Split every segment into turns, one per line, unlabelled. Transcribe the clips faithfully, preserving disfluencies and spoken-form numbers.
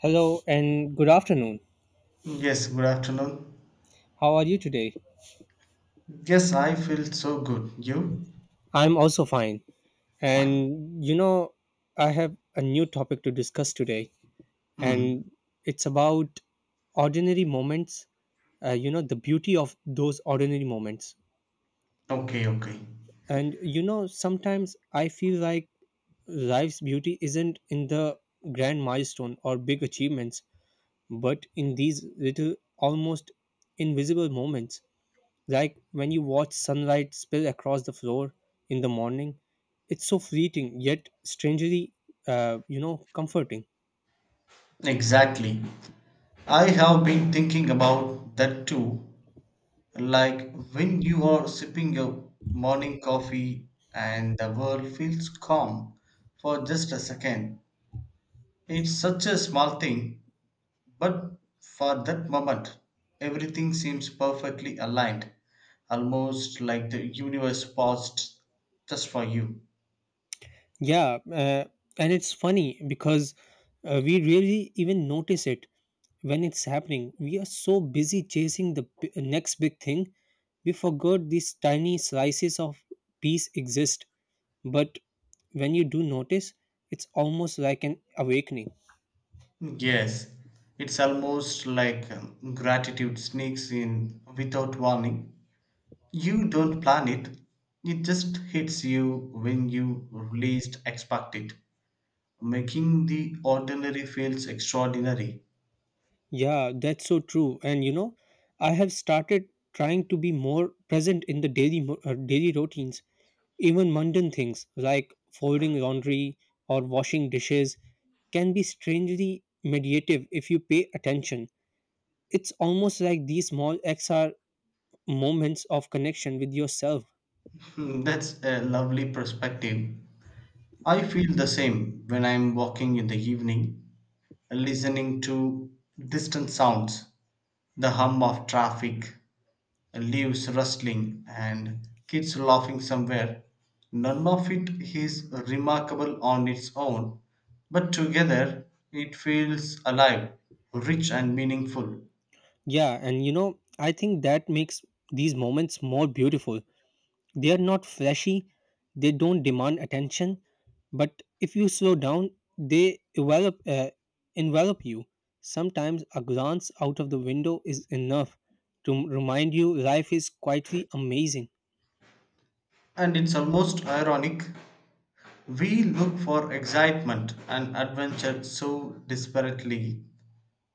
Hello and good afternoon.
Yes, good afternoon.
How are you today?
Yes, I feel so good. You?
I'm also fine.
Fine.
And you know, I have a new topic to discuss today,
Hmm.
and it's about ordinary moments, uh, you know, the beauty of those ordinary moments.
Okay, okay.
And you know, sometimes I feel like life's beauty isn't in the grand milestone or big achievements, but in these little, almost invisible moments. Like when you watch sunlight spill across the floor in the morning, it's so fleeting yet strangely, uh, you know, comforting.
Exactly. I have been thinking about that too. Like when you are sipping your morning coffee and the world feels calm for just a second. It's such a small thing, but for that moment, everything seems perfectly aligned, almost like the universe paused just for you.
Yeah, uh, and it's funny because uh, we really even notice it when it's happening. We are so busy chasing the b- next big thing, we forgot these tiny slices of peace exist. But when you do notice, it's almost like an awakening.
Yes, it's almost like um, gratitude sneaks in without warning. You don't plan it, it just hits you when you least expect it, making the ordinary feels extraordinary.
Yeah, that's so true. And you know, I have started trying to be more present in the daily mo- uh, daily routines. Even mundane things like folding laundry or washing dishes can be strangely meditative if you pay attention. It's almost like these small acts are moments of connection with yourself.
Hmm, that's a lovely perspective. I feel the same when I'm walking in the evening, listening to distant sounds, the hum of traffic, leaves rustling, and kids laughing somewhere. None of it is remarkable on its own, but together it feels alive, rich, and meaningful.
Yeah, and you know, I think that makes these moments more beautiful. They are not flashy, they don't demand attention, but if you slow down, they envelop, uh, envelop you. Sometimes a glance out of the window is enough to remind you life is quietly amazing.
And it's almost ironic. We look for excitement and adventure so desperately,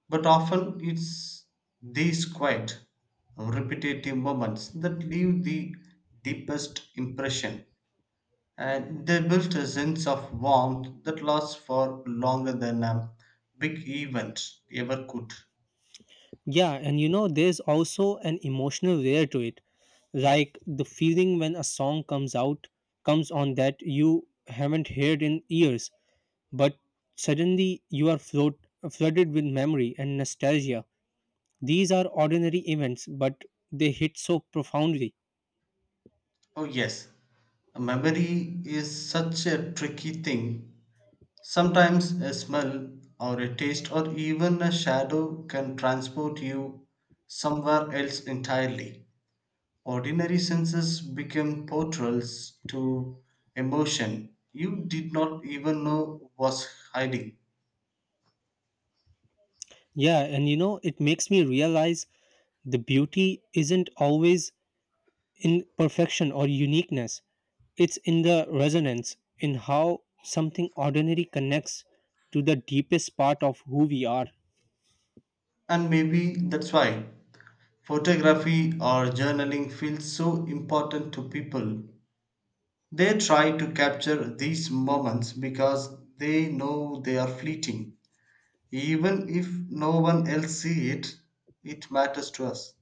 but often it's these quiet, repetitive moments that leave the deepest impression. And they built a sense of warmth that lasts for longer than a big event ever could.
Yeah, and you know, there's also an emotional layer to it, like the feeling when a song comes out comes on that you haven't heard in years, but suddenly you are float, flooded with memory and nostalgia. These are ordinary events, but they hit so profoundly.
Oh, yes, a memory is such a tricky thing. Sometimes a smell, or a taste, or even a shadow can transport you somewhere else entirely. Ordinary senses become portals to emotion you did not even know was hiding.
Yeah, and you know, it makes me realize the beauty isn't always in perfection or uniqueness, it's in the resonance, in how something ordinary connects to the deepest part of who we are.
And maybe that's why photography or journaling feels so important to people. They try to capture these moments because they know they are fleeting. Even if no one else see it, it matters to us.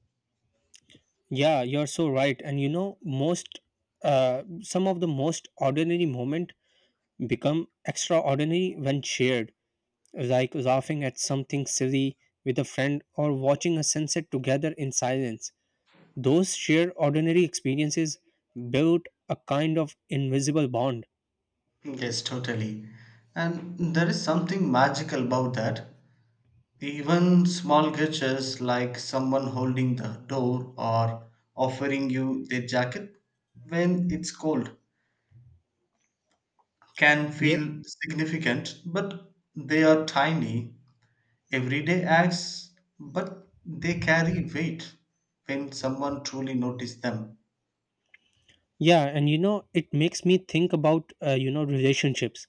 Yeah, you're so right. And you know, most uh, some of the most ordinary moment become extraordinary when shared, like laughing at something silly with a friend or watching a sunset together in silence. Those sheer ordinary experiences build a kind of invisible bond.
Yes, totally. And there is something magical about that. Even small gestures like someone holding the door or offering you their jacket when it's cold can
Yeah,
feel significant, but they are tiny, everyday acts, but they carry weight when someone truly notices them.
yeah, and you know, it makes me think about uh, you know relationships.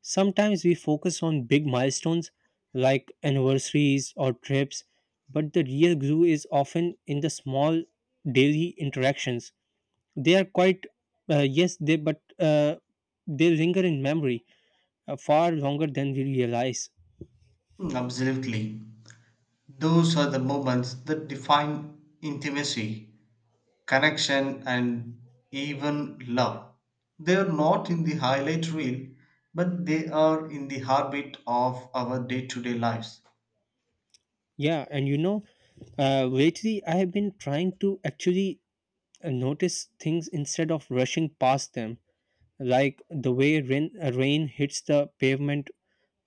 Sometimes we focus on big milestones like anniversaries or trips, but the real glue is often in the small daily interactions. They are quite, uh, yes, they but, uh, they linger in memory uh, far longer than we realize.
Mm, absolutely. Those are the moments that define intimacy, connection, and even love. They are not in the highlight reel, but they are in the heartbeat of our day to day lives.
Yeah, and you know, uh, lately I have been trying to actually uh, notice things instead of rushing past them, like the way rain, uh, rain hits the pavement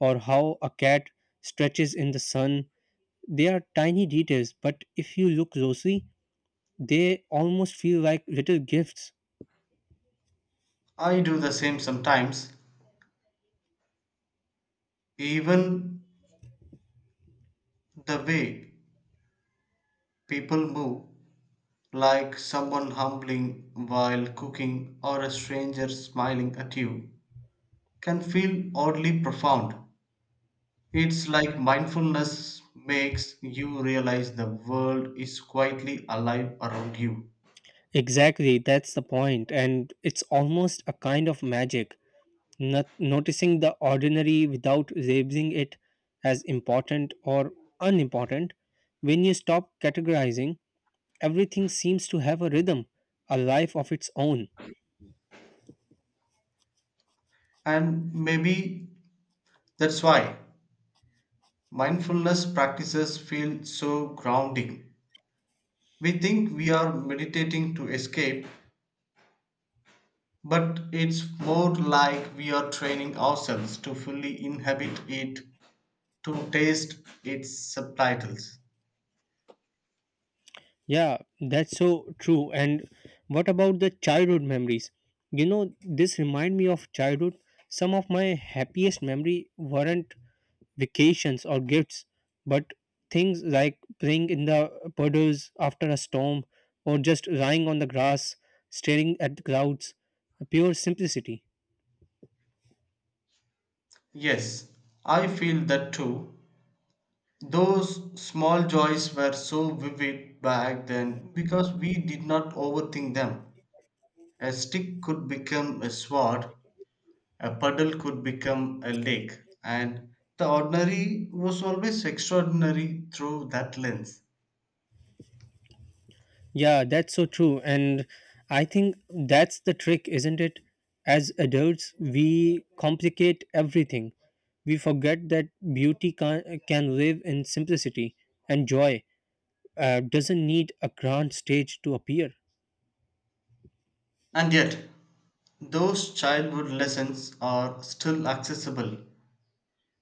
or how a cat stretches in the sun. They are tiny details, but if you look closely, they almost feel like little gifts.
I do the same sometimes, even the way people move, like someone humbling while cooking or a stranger smiling at you, can feel oddly profound. It's like mindfulness makes you realize the world is quietly alive around you.
Exactly, that's the point, and it's almost a kind of magic. Not- noticing the ordinary without labeling it as important or unimportant. When you stop categorizing, everything seems to have a rhythm, a life of its own.
And maybe that's why mindfulness practices feel so grounding. We think we are meditating to escape, but it's more like we are training ourselves to fully inhabit it to taste its subtitles.
Yeah, that's so true. And what about the childhood memories? You know, this remind me of childhood. Some of my happiest memory weren't vacations, or gifts, but things like playing in the puddles after a storm or just lying on the grass staring at the clouds. Pure simplicity.
Yes, I feel that too. Those small joys were so vivid back then because we did not overthink them. A stick could become a sword, a puddle could become a lake, and the ordinary was always extraordinary through that lens.
Yeah, that's so true. And I think that's the trick, isn't it? As adults, we complicate everything. We forget that beauty can, can live in simplicity, and joy uh, doesn't need a grand stage to appear.
And yet, those childhood lessons are still accessible.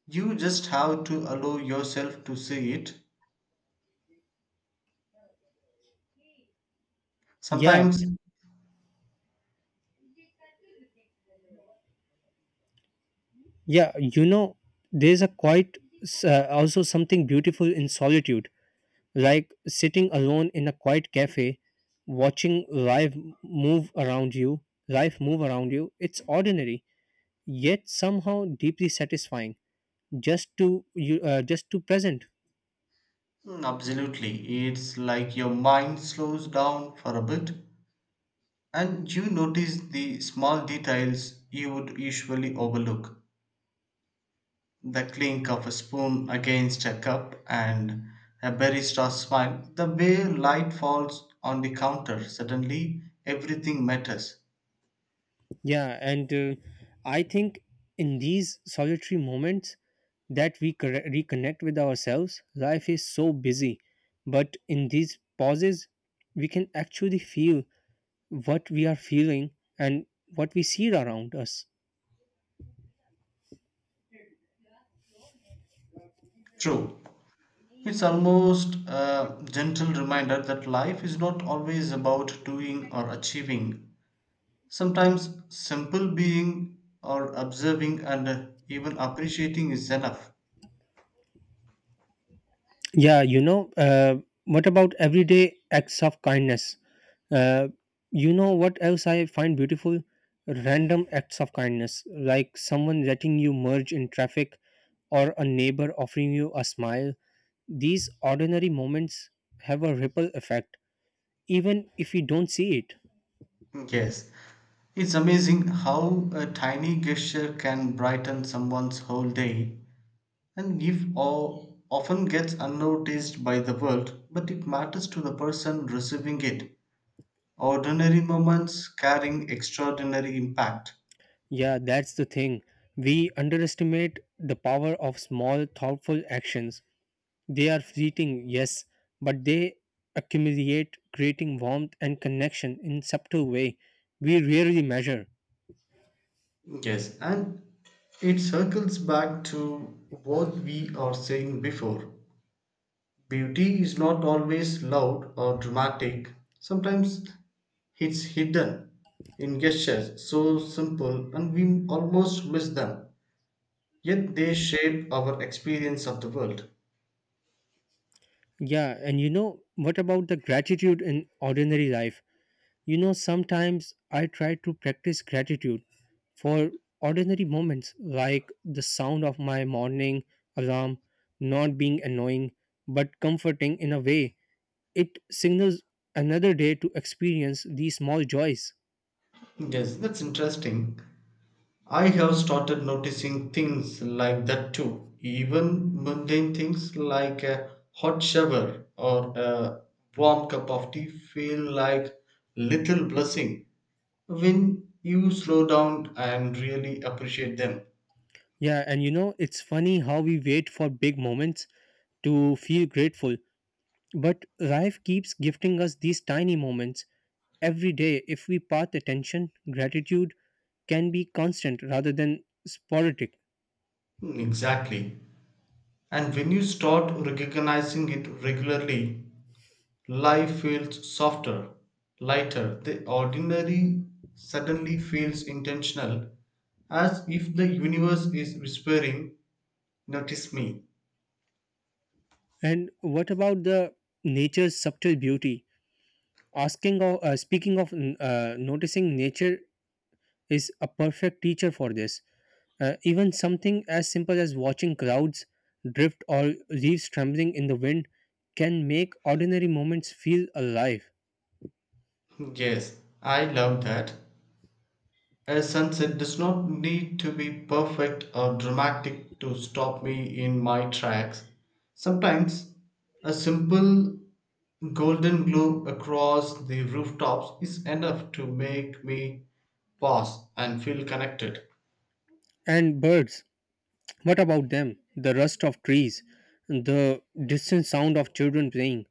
You just have to allow yourself to see it.
Yeah,
Sometimes
yeah, you know, there's a quite s- uh, also something beautiful in solitude, like sitting alone in a quiet cafe, watching life m- move around you, life move around you. It's ordinary, yet somehow deeply satisfying. Just to you, uh, just to present.
mm, absolutely. It's like your mind slows down for a bit and you notice the small details you would usually overlook. The clink of a spoon against a cup and a barista smile. The way light falls on the counter. Suddenly, everything matters.
Yeah, and uh, I think in these solitary moments that we corre- reconnect with ourselves. Life is so busy, but in these pauses, we can actually feel what we are feeling and what we see around us.
True. It's almost a gentle reminder that life is not always about doing or achieving. Sometimes simple being or observing and even appreciating is enough.
Yeah, you know, uh, what about everyday acts of kindness? Uh, you know what else I find beautiful? Random acts of kindness, like someone letting you merge in traffic or a neighbor offering you a smile. These ordinary moments have a ripple effect, even if we don't see it.
Yes, it's amazing how a tiny gesture can brighten someone's whole day and give awe often gets unnoticed by the world, but it matters to the person receiving it. Ordinary moments carrying extraordinary impact.
Yeah, that's the thing. We underestimate the power of small, thoughtful actions. They are fleeting, yes, but they accumulate, creating warmth and connection in subtle way we rarely measure.
Yes, and it circles back to what we are saying before. Beauty is not always loud or dramatic, sometimes it's hidden in gestures so simple and we almost miss them, yet they shape our experience of the world.
Yeah, and you know what about the gratitude in ordinary life? You know, sometimes I try to practice gratitude for ordinary moments like the sound of my morning alarm not being annoying but comforting in a way. It signals another day to experience these small joys.
Yes, that's interesting. I have started noticing things like that too, even mundane things like a hot shower or a warm cup of tea feel like little blessing when you slow down and really appreciate them.
Yeah, and you know, it's funny how we wait for big moments to feel grateful, but life keeps gifting us these tiny moments every day. If we path attention, gratitude can be constant rather than sporadic.
Mm, exactly. And when you start recognizing it regularly, life feels softer, lighter. The ordinary suddenly feels intentional, as if the universe is whispering, notice me.
And what about the nature's subtle beauty? Asking or uh, speaking of, mm, uh, noticing nature is a perfect teacher for this. Uh, even something as simple as watching clouds drift or leaves trembling in the wind can make ordinary moments feel alive.
Yes, I love that. A sunset does not need to be perfect or dramatic to stop me in my tracks. Sometimes a simple golden glow across the rooftops is enough to make me pause and feel connected.
And birds, what about them? The rust of trees, the distant sound of children playing.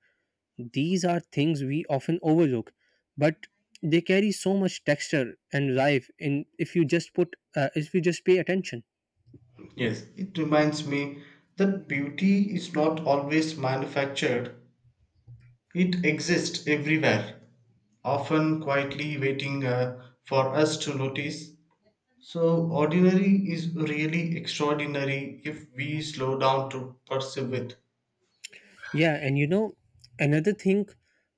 These are things we often overlook, but they carry so much texture and life in, if you just put uh, if you just pay attention.
Yes, it reminds me that beauty is not always manufactured, it exists everywhere, often quietly waiting uh, for us to notice. So, ordinary is really extraordinary if we slow down to perceive it.
Yeah, and you know, another thing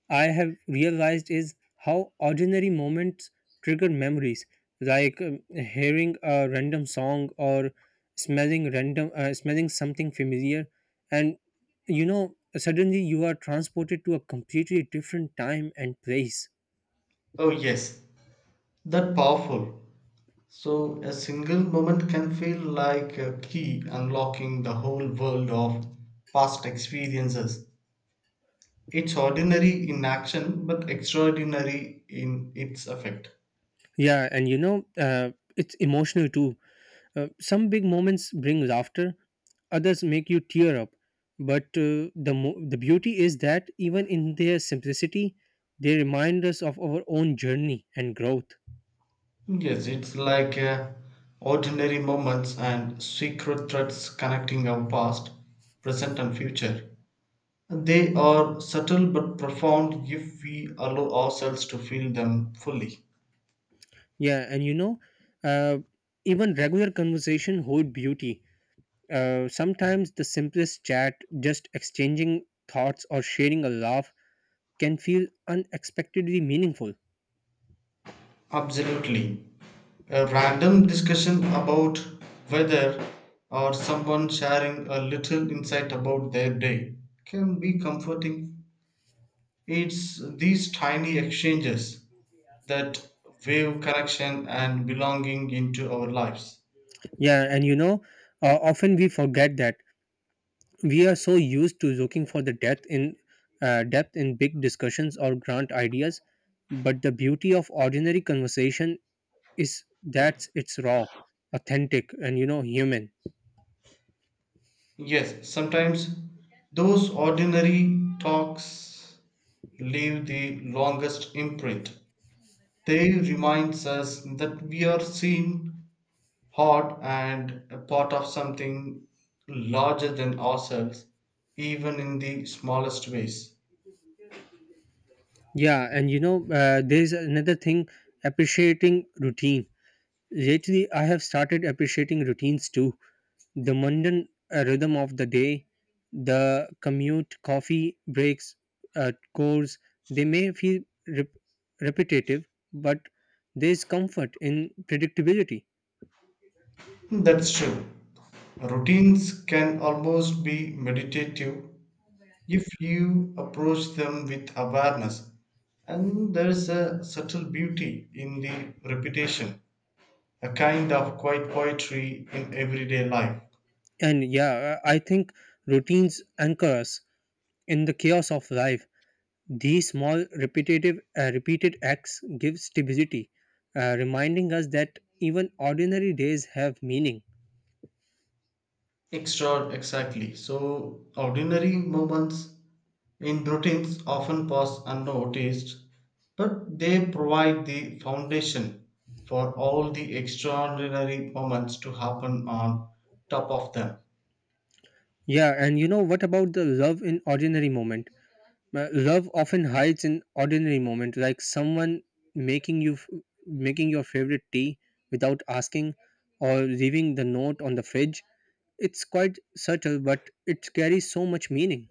I have realized is how ordinary moments trigger memories, like um, hearing a random song or smelling random uh, smelling something familiar, and you know, suddenly you are transported to a completely different time and place.
Oh, yes, that powerful. So, a single moment can feel like a key unlocking the whole world of past experiences. It's ordinary in action, but extraordinary in its effect.
Yeah, and you know, uh, it's emotional too. Uh, some big moments bring laughter, others make you tear up. But uh, the mo- the beauty is that even in their simplicity, they remind us of our own journey and growth.
Yes, it's like uh, ordinary moments and secret threads connecting our past, present, and future. They are subtle but profound if we allow ourselves to feel them fully.
Yeah, and you know, uh, even regular conversation hold beauty. Uh, sometimes the simplest chat, just exchanging thoughts or sharing a laugh, can feel unexpectedly meaningful.
Absolutely. A random discussion about weather or someone sharing a little insight about their day can be comforting. It's these tiny exchanges that wave connection and belonging into our lives.
Yeah, and you know, uh, often we forget that we are so used to looking for the depth in uh, depth in big discussions or grand ideas, but the beauty of ordinary conversation is that it's raw, authentic, and you know human.
Yes, sometimes those ordinary talks leave the longest imprint. They remind us that we are seen, heard, and a part of something larger than ourselves, even in the smallest ways.
Yeah, and you know uh, there's another thing: appreciating routine. Lately I have started appreciating routines too. The mundane uh, rhythm of the day, the commute, coffee breaks, uh, chores, they may feel rep- repetitive, but there's comfort in predictability.
That's true. Routines can almost be meditative if you approach them with awareness and there is a subtle beauty in the repetition, a kind of quiet poetry in everyday life.
And yeah, I I think routines anchor us in the chaos of life. These small, repetitive, uh, repeated acts give stability, uh, reminding us that even ordinary days have meaning.
Extra exactly, so ordinary moments in routines often pass unnoticed but they provide the foundation for all the extraordinary moments to happen on top of them.
Yeah, and you know what about the love in ordinary moment? Uh, love often hides in ordinary moments, like someone making you f- making your favorite tea without asking, or leaving the note on the fridge. It's quite subtle, but it carries so much meaning.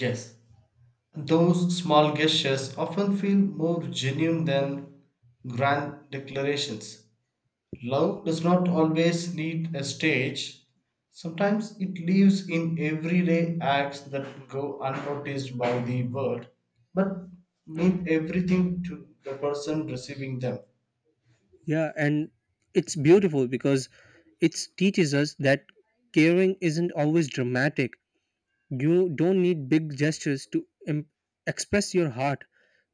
Yes, those small gestures often feel more genuine than grand declarations. Love does not always need a stage. Sometimes it lives in everyday acts that go unnoticed by the world, but mean everything to the person receiving them.
Yeah, and it's beautiful because it teaches us that caring isn't always dramatic. You don't need big gestures to em- express your heart.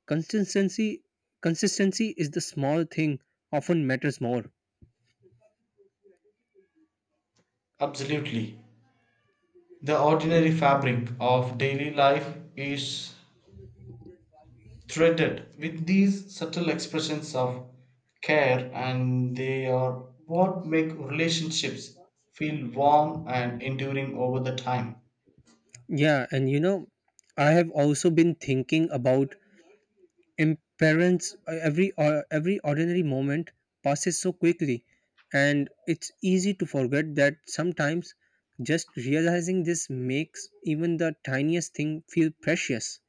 Consistency, consistency is the small thing often matters more.
Absolutely. The ordinary fabric of daily life is threaded with these subtle expressions of care and they are what make relationships feel warm and enduring over the time.
Yeah, and you know, I have also been thinking about impermanence. Every or every ordinary moment passes so quickly, and it's easy to forget that sometimes just realizing this makes even the tiniest thing feel precious.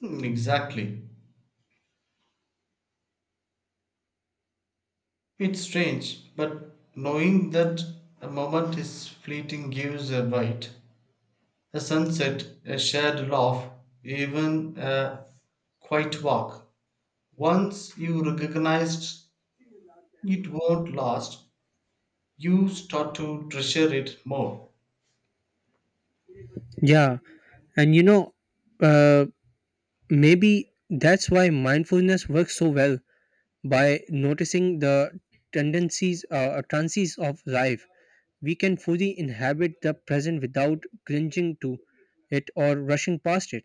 Hmm, exactly, it's strange but knowing that a moment is fleeting gives a right, a sunset, a shared laugh, even a quiet walk. Once you recognize it won't last, you start to treasure it more.
Yeah, and you know, uh, maybe that's why mindfulness works so well. By noticing the tendencies, uh, trances of life, we can fully inhabit the present without clinging to it or rushing past it.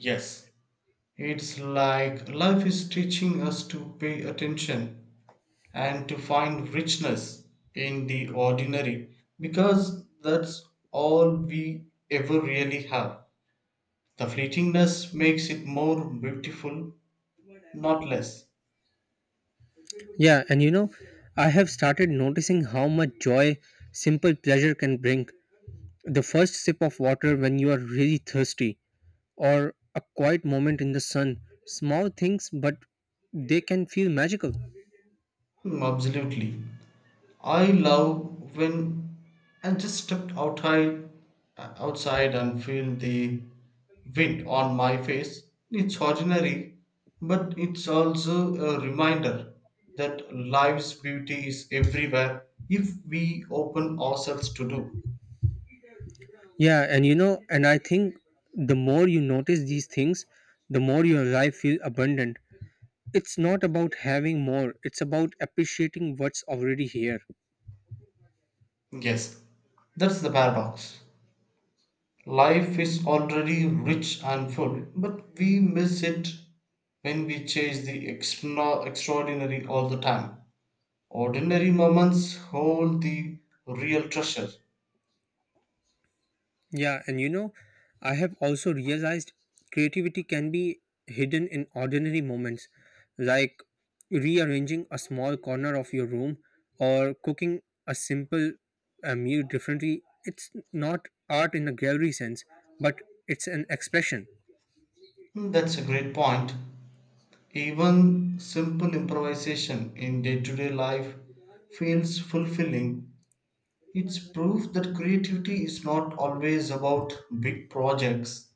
Yes, it's like life is teaching us to pay attention and to find richness in the ordinary because that's all we ever really have. The fleetingness makes it more beautiful, not less.
Yeah, and you know, I have started noticing how much joy simple pleasure can bring. The first sip of water when you are really thirsty, or a quiet moment in the sun. Small things, but they can feel magical.
Mm, absolutely. I love when I just stepped outside, outside and feel the wind on my face. It's ordinary, but it's also a reminder that life's beauty is everywhere if we open ourselves to do.
Yeah, and you know, and I think the more you notice these things, the more your life feels abundant. It's not about having more, it's about appreciating what's already here.
Yes, that's the paradox. Life is already rich and full, but we miss it when we chase the extra- extraordinary all the time. Ordinary moments hold the real treasure.
Yeah, and you know, I have also realized creativity can be hidden in ordinary moments, like rearranging a small corner of your room or cooking a simple, uh, meal differently. It's not art in a gallery sense, but it's an expression.
Hmm, that's a great point. Even simple improvisation in day to day life feels fulfilling. It's proof that creativity is not always about big projects,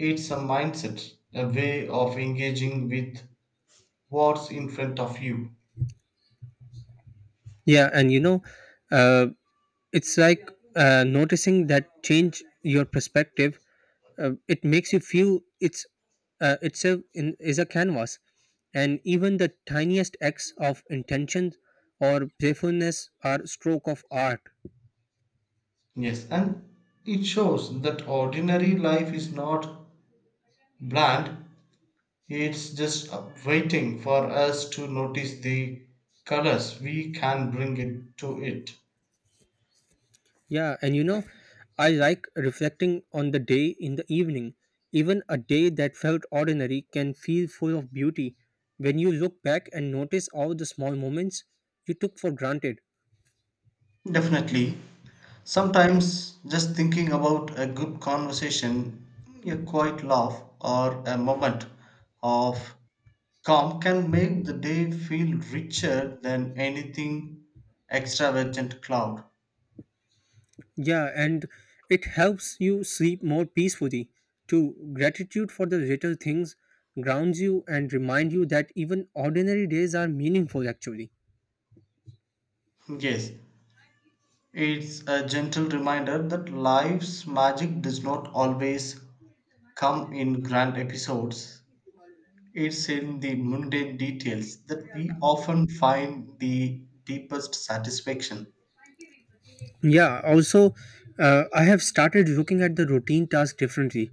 it's a mindset, a way of engaging with what's in front of you.
Yeah, and you know, uh, it's like, uh, noticing that change your perspective. Uh, it makes you feel it's uh, itself in, is a canvas, and even the tiniest acts of intention or playfulness are stroke of art.
Yes, and it shows that ordinary life is not bland, it's just up- waiting for us to notice the colors we can bring it to it.
Yeah, and you know, I like reflecting on the day in the evening. Even a day that felt ordinary can feel full of beauty when you look back and notice all the small moments you took for granted.
Definitely. Sometimes just thinking about a good conversation, a quiet laugh, or a moment of calm can make the day feel richer than anything extravagant cloud.
Yeah, and it helps you sleep more peacefully. Too, gratitude for the little things grounds you and remind you that even ordinary days are meaningful actually.
Yes, it's a gentle reminder that life's magic does not always come in grand episodes. It's in the mundane details that we often find the deepest satisfaction.
Yeah, also, uh, I have started looking at the routine task differently.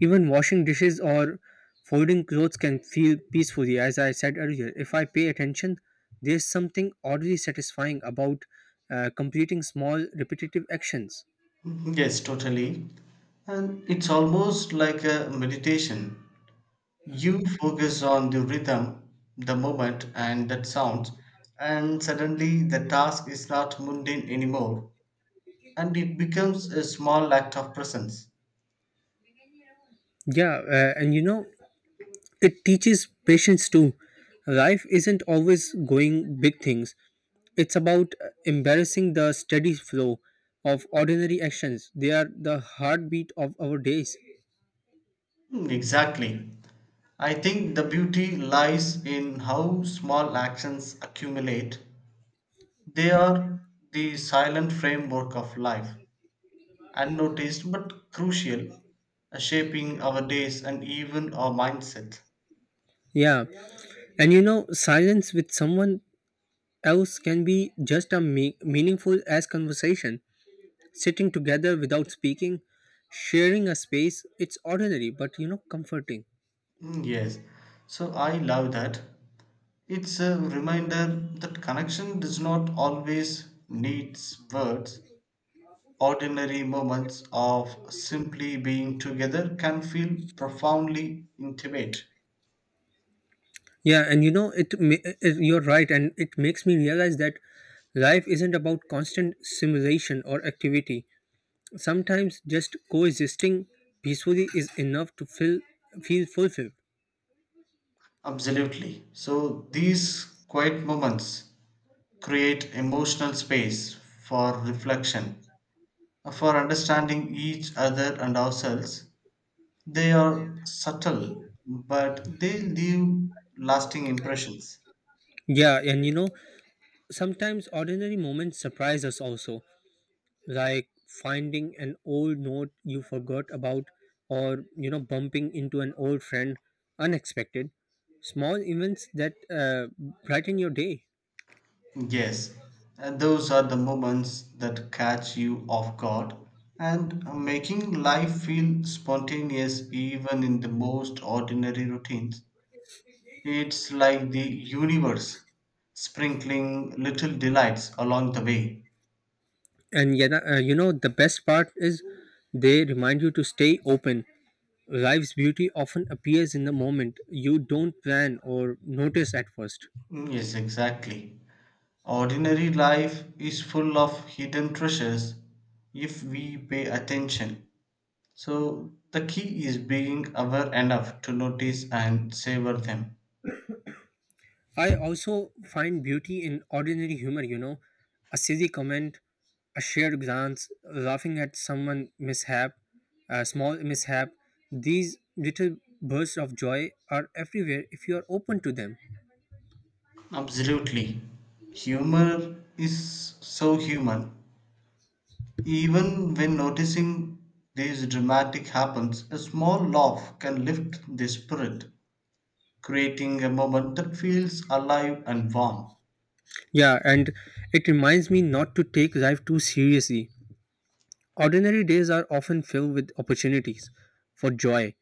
Even washing dishes or folding clothes can feel peacefully, as I said earlier. If I pay attention, there's something oddly satisfying about uh, completing small repetitive actions.
Mhm, yes, totally. And it's almost like a meditation. You focus on the rhythm, the moment, and that sound, and suddenly the task is not mundane anymore, and it becomes a small act of presence.
Yeah, uh, and you know, it teaches patience too. Life isn't always going big things, it's about embarrassing the steady flow of ordinary actions. They are the heartbeat of our days.
Hmm, exactly. I think the beauty lies in how small actions accumulate. They are the silent framework of life, unnoticed but crucial, uh, shaping our days and even our mindset.
Yeah, and you know, silence with someone else can be just as me- meaningful as conversation. Sitting together without speaking, sharing a space, it's ordinary but you know, comforting.
Mm, yes, so I love that. It's a reminder that connection does not always needs words. Ordinary moments of simply being together can feel profoundly intimate.
Yeah, and you know, it, ma- it you're right, and it makes me realize that life isn't about constant simulation or activity. Sometimes just coexisting peacefully is enough to feel feel fulfilled.
Absolutely. So these quiet moments create emotional space for reflection, for understanding each other and ourselves. They are subtle, but they leave lasting impressions.
Yeah, and you know, sometimes ordinary moments surprise us also, like finding an old note you forgot about, or you know, bumping into an old friend unexpected. Small events that uh, brighten your day.
Yes, uh, those are the moments that catch you off guard and making life feel spontaneous even in the most ordinary routines. It's like the universe sprinkling little delights along the way.
And yeah, uh, you know, the best part is they remind you to stay open. Life's beauty often appears in the moment you don't plan or notice at first.
Mm, yes, exactly. Ordinary life is full of hidden treasures if we pay attention. So, the key is being aware enough to notice and savor them.
I also find beauty in ordinary humor, you know, a silly comment, a shared glance, laughing at someone mishap, a small mishap. These little bursts of joy are everywhere if you are open to them.
Absolutely. Humor is so human. Even when noticing these dramatic happens, a small laugh can lift the spirit, creating a moment that feels alive and warm.
Yeah, and it reminds me not to take life too seriously. Ordinary days are often filled with opportunities for joy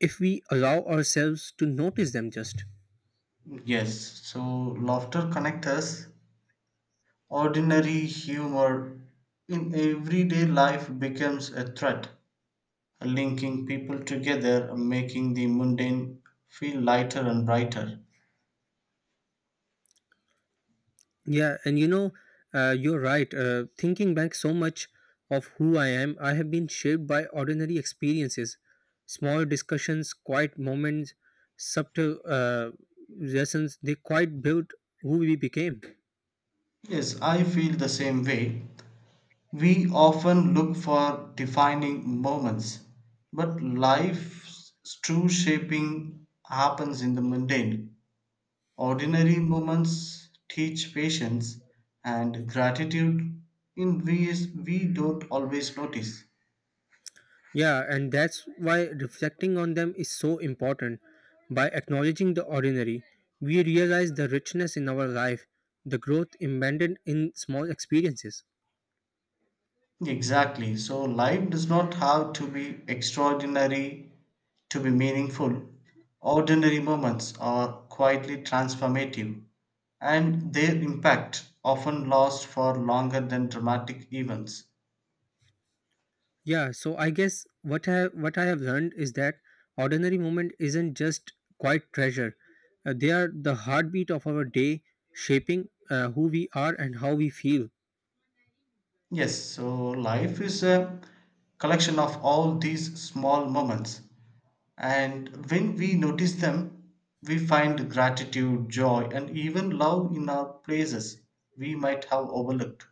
if we allow ourselves to notice them just.
Yes, so laughter connects us. Ordinary humor in everyday life becomes a thread, linking people together, making the mundane feel lighter and brighter.
Yeah, and you know, uh, you're right. Uh, thinking back so much of who I am, I have been shaped by ordinary experiences, small discussions, quiet moments, subtle, uh, lessons. They quite built who we became.
Yes, I feel the same way. We often look for defining moments, but life's true shaping happens in the mundane. Ordinary moments teach patience and gratitude in ways we don't always notice.
Yeah, and that's why reflecting on them is so important. By acknowledging the ordinary, we realize the richness in our life, the growth embedded in small experiences.
Exactly. So life does not have to be extraordinary to be meaningful. Ordinary moments are quietly transformative, and their impact often lasts for longer than dramatic events.
Yeah, so I guess what I what I have learned is that ordinary moment isn't just quite treasure. Uh, they are the heartbeat of our day, shaping, uh, who we are and how we feel.
Yes, so life is a collection of all these small moments, and when we notice them, we find gratitude, joy, and even love in our places we might have overlooked.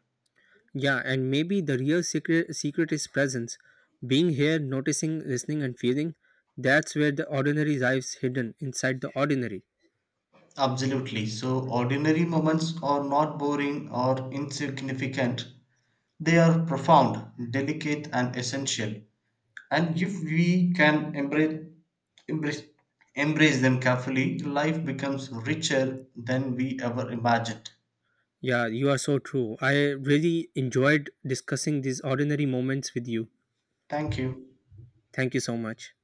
Yeah, and maybe the real secret secret is presence. Being here, noticing, listening and feeling. That's where the ordinary lives hidden inside the ordinary.
Absolutely. So, ordinary moments are not boring or insignificant. They are profound, delicate, and essential. And if we can embrace, embrace, embrace them carefully, life becomes richer than we ever imagined.
Yeah, you are so true. I really enjoyed discussing these ordinary moments with you.
Thank you.
Thank you so much.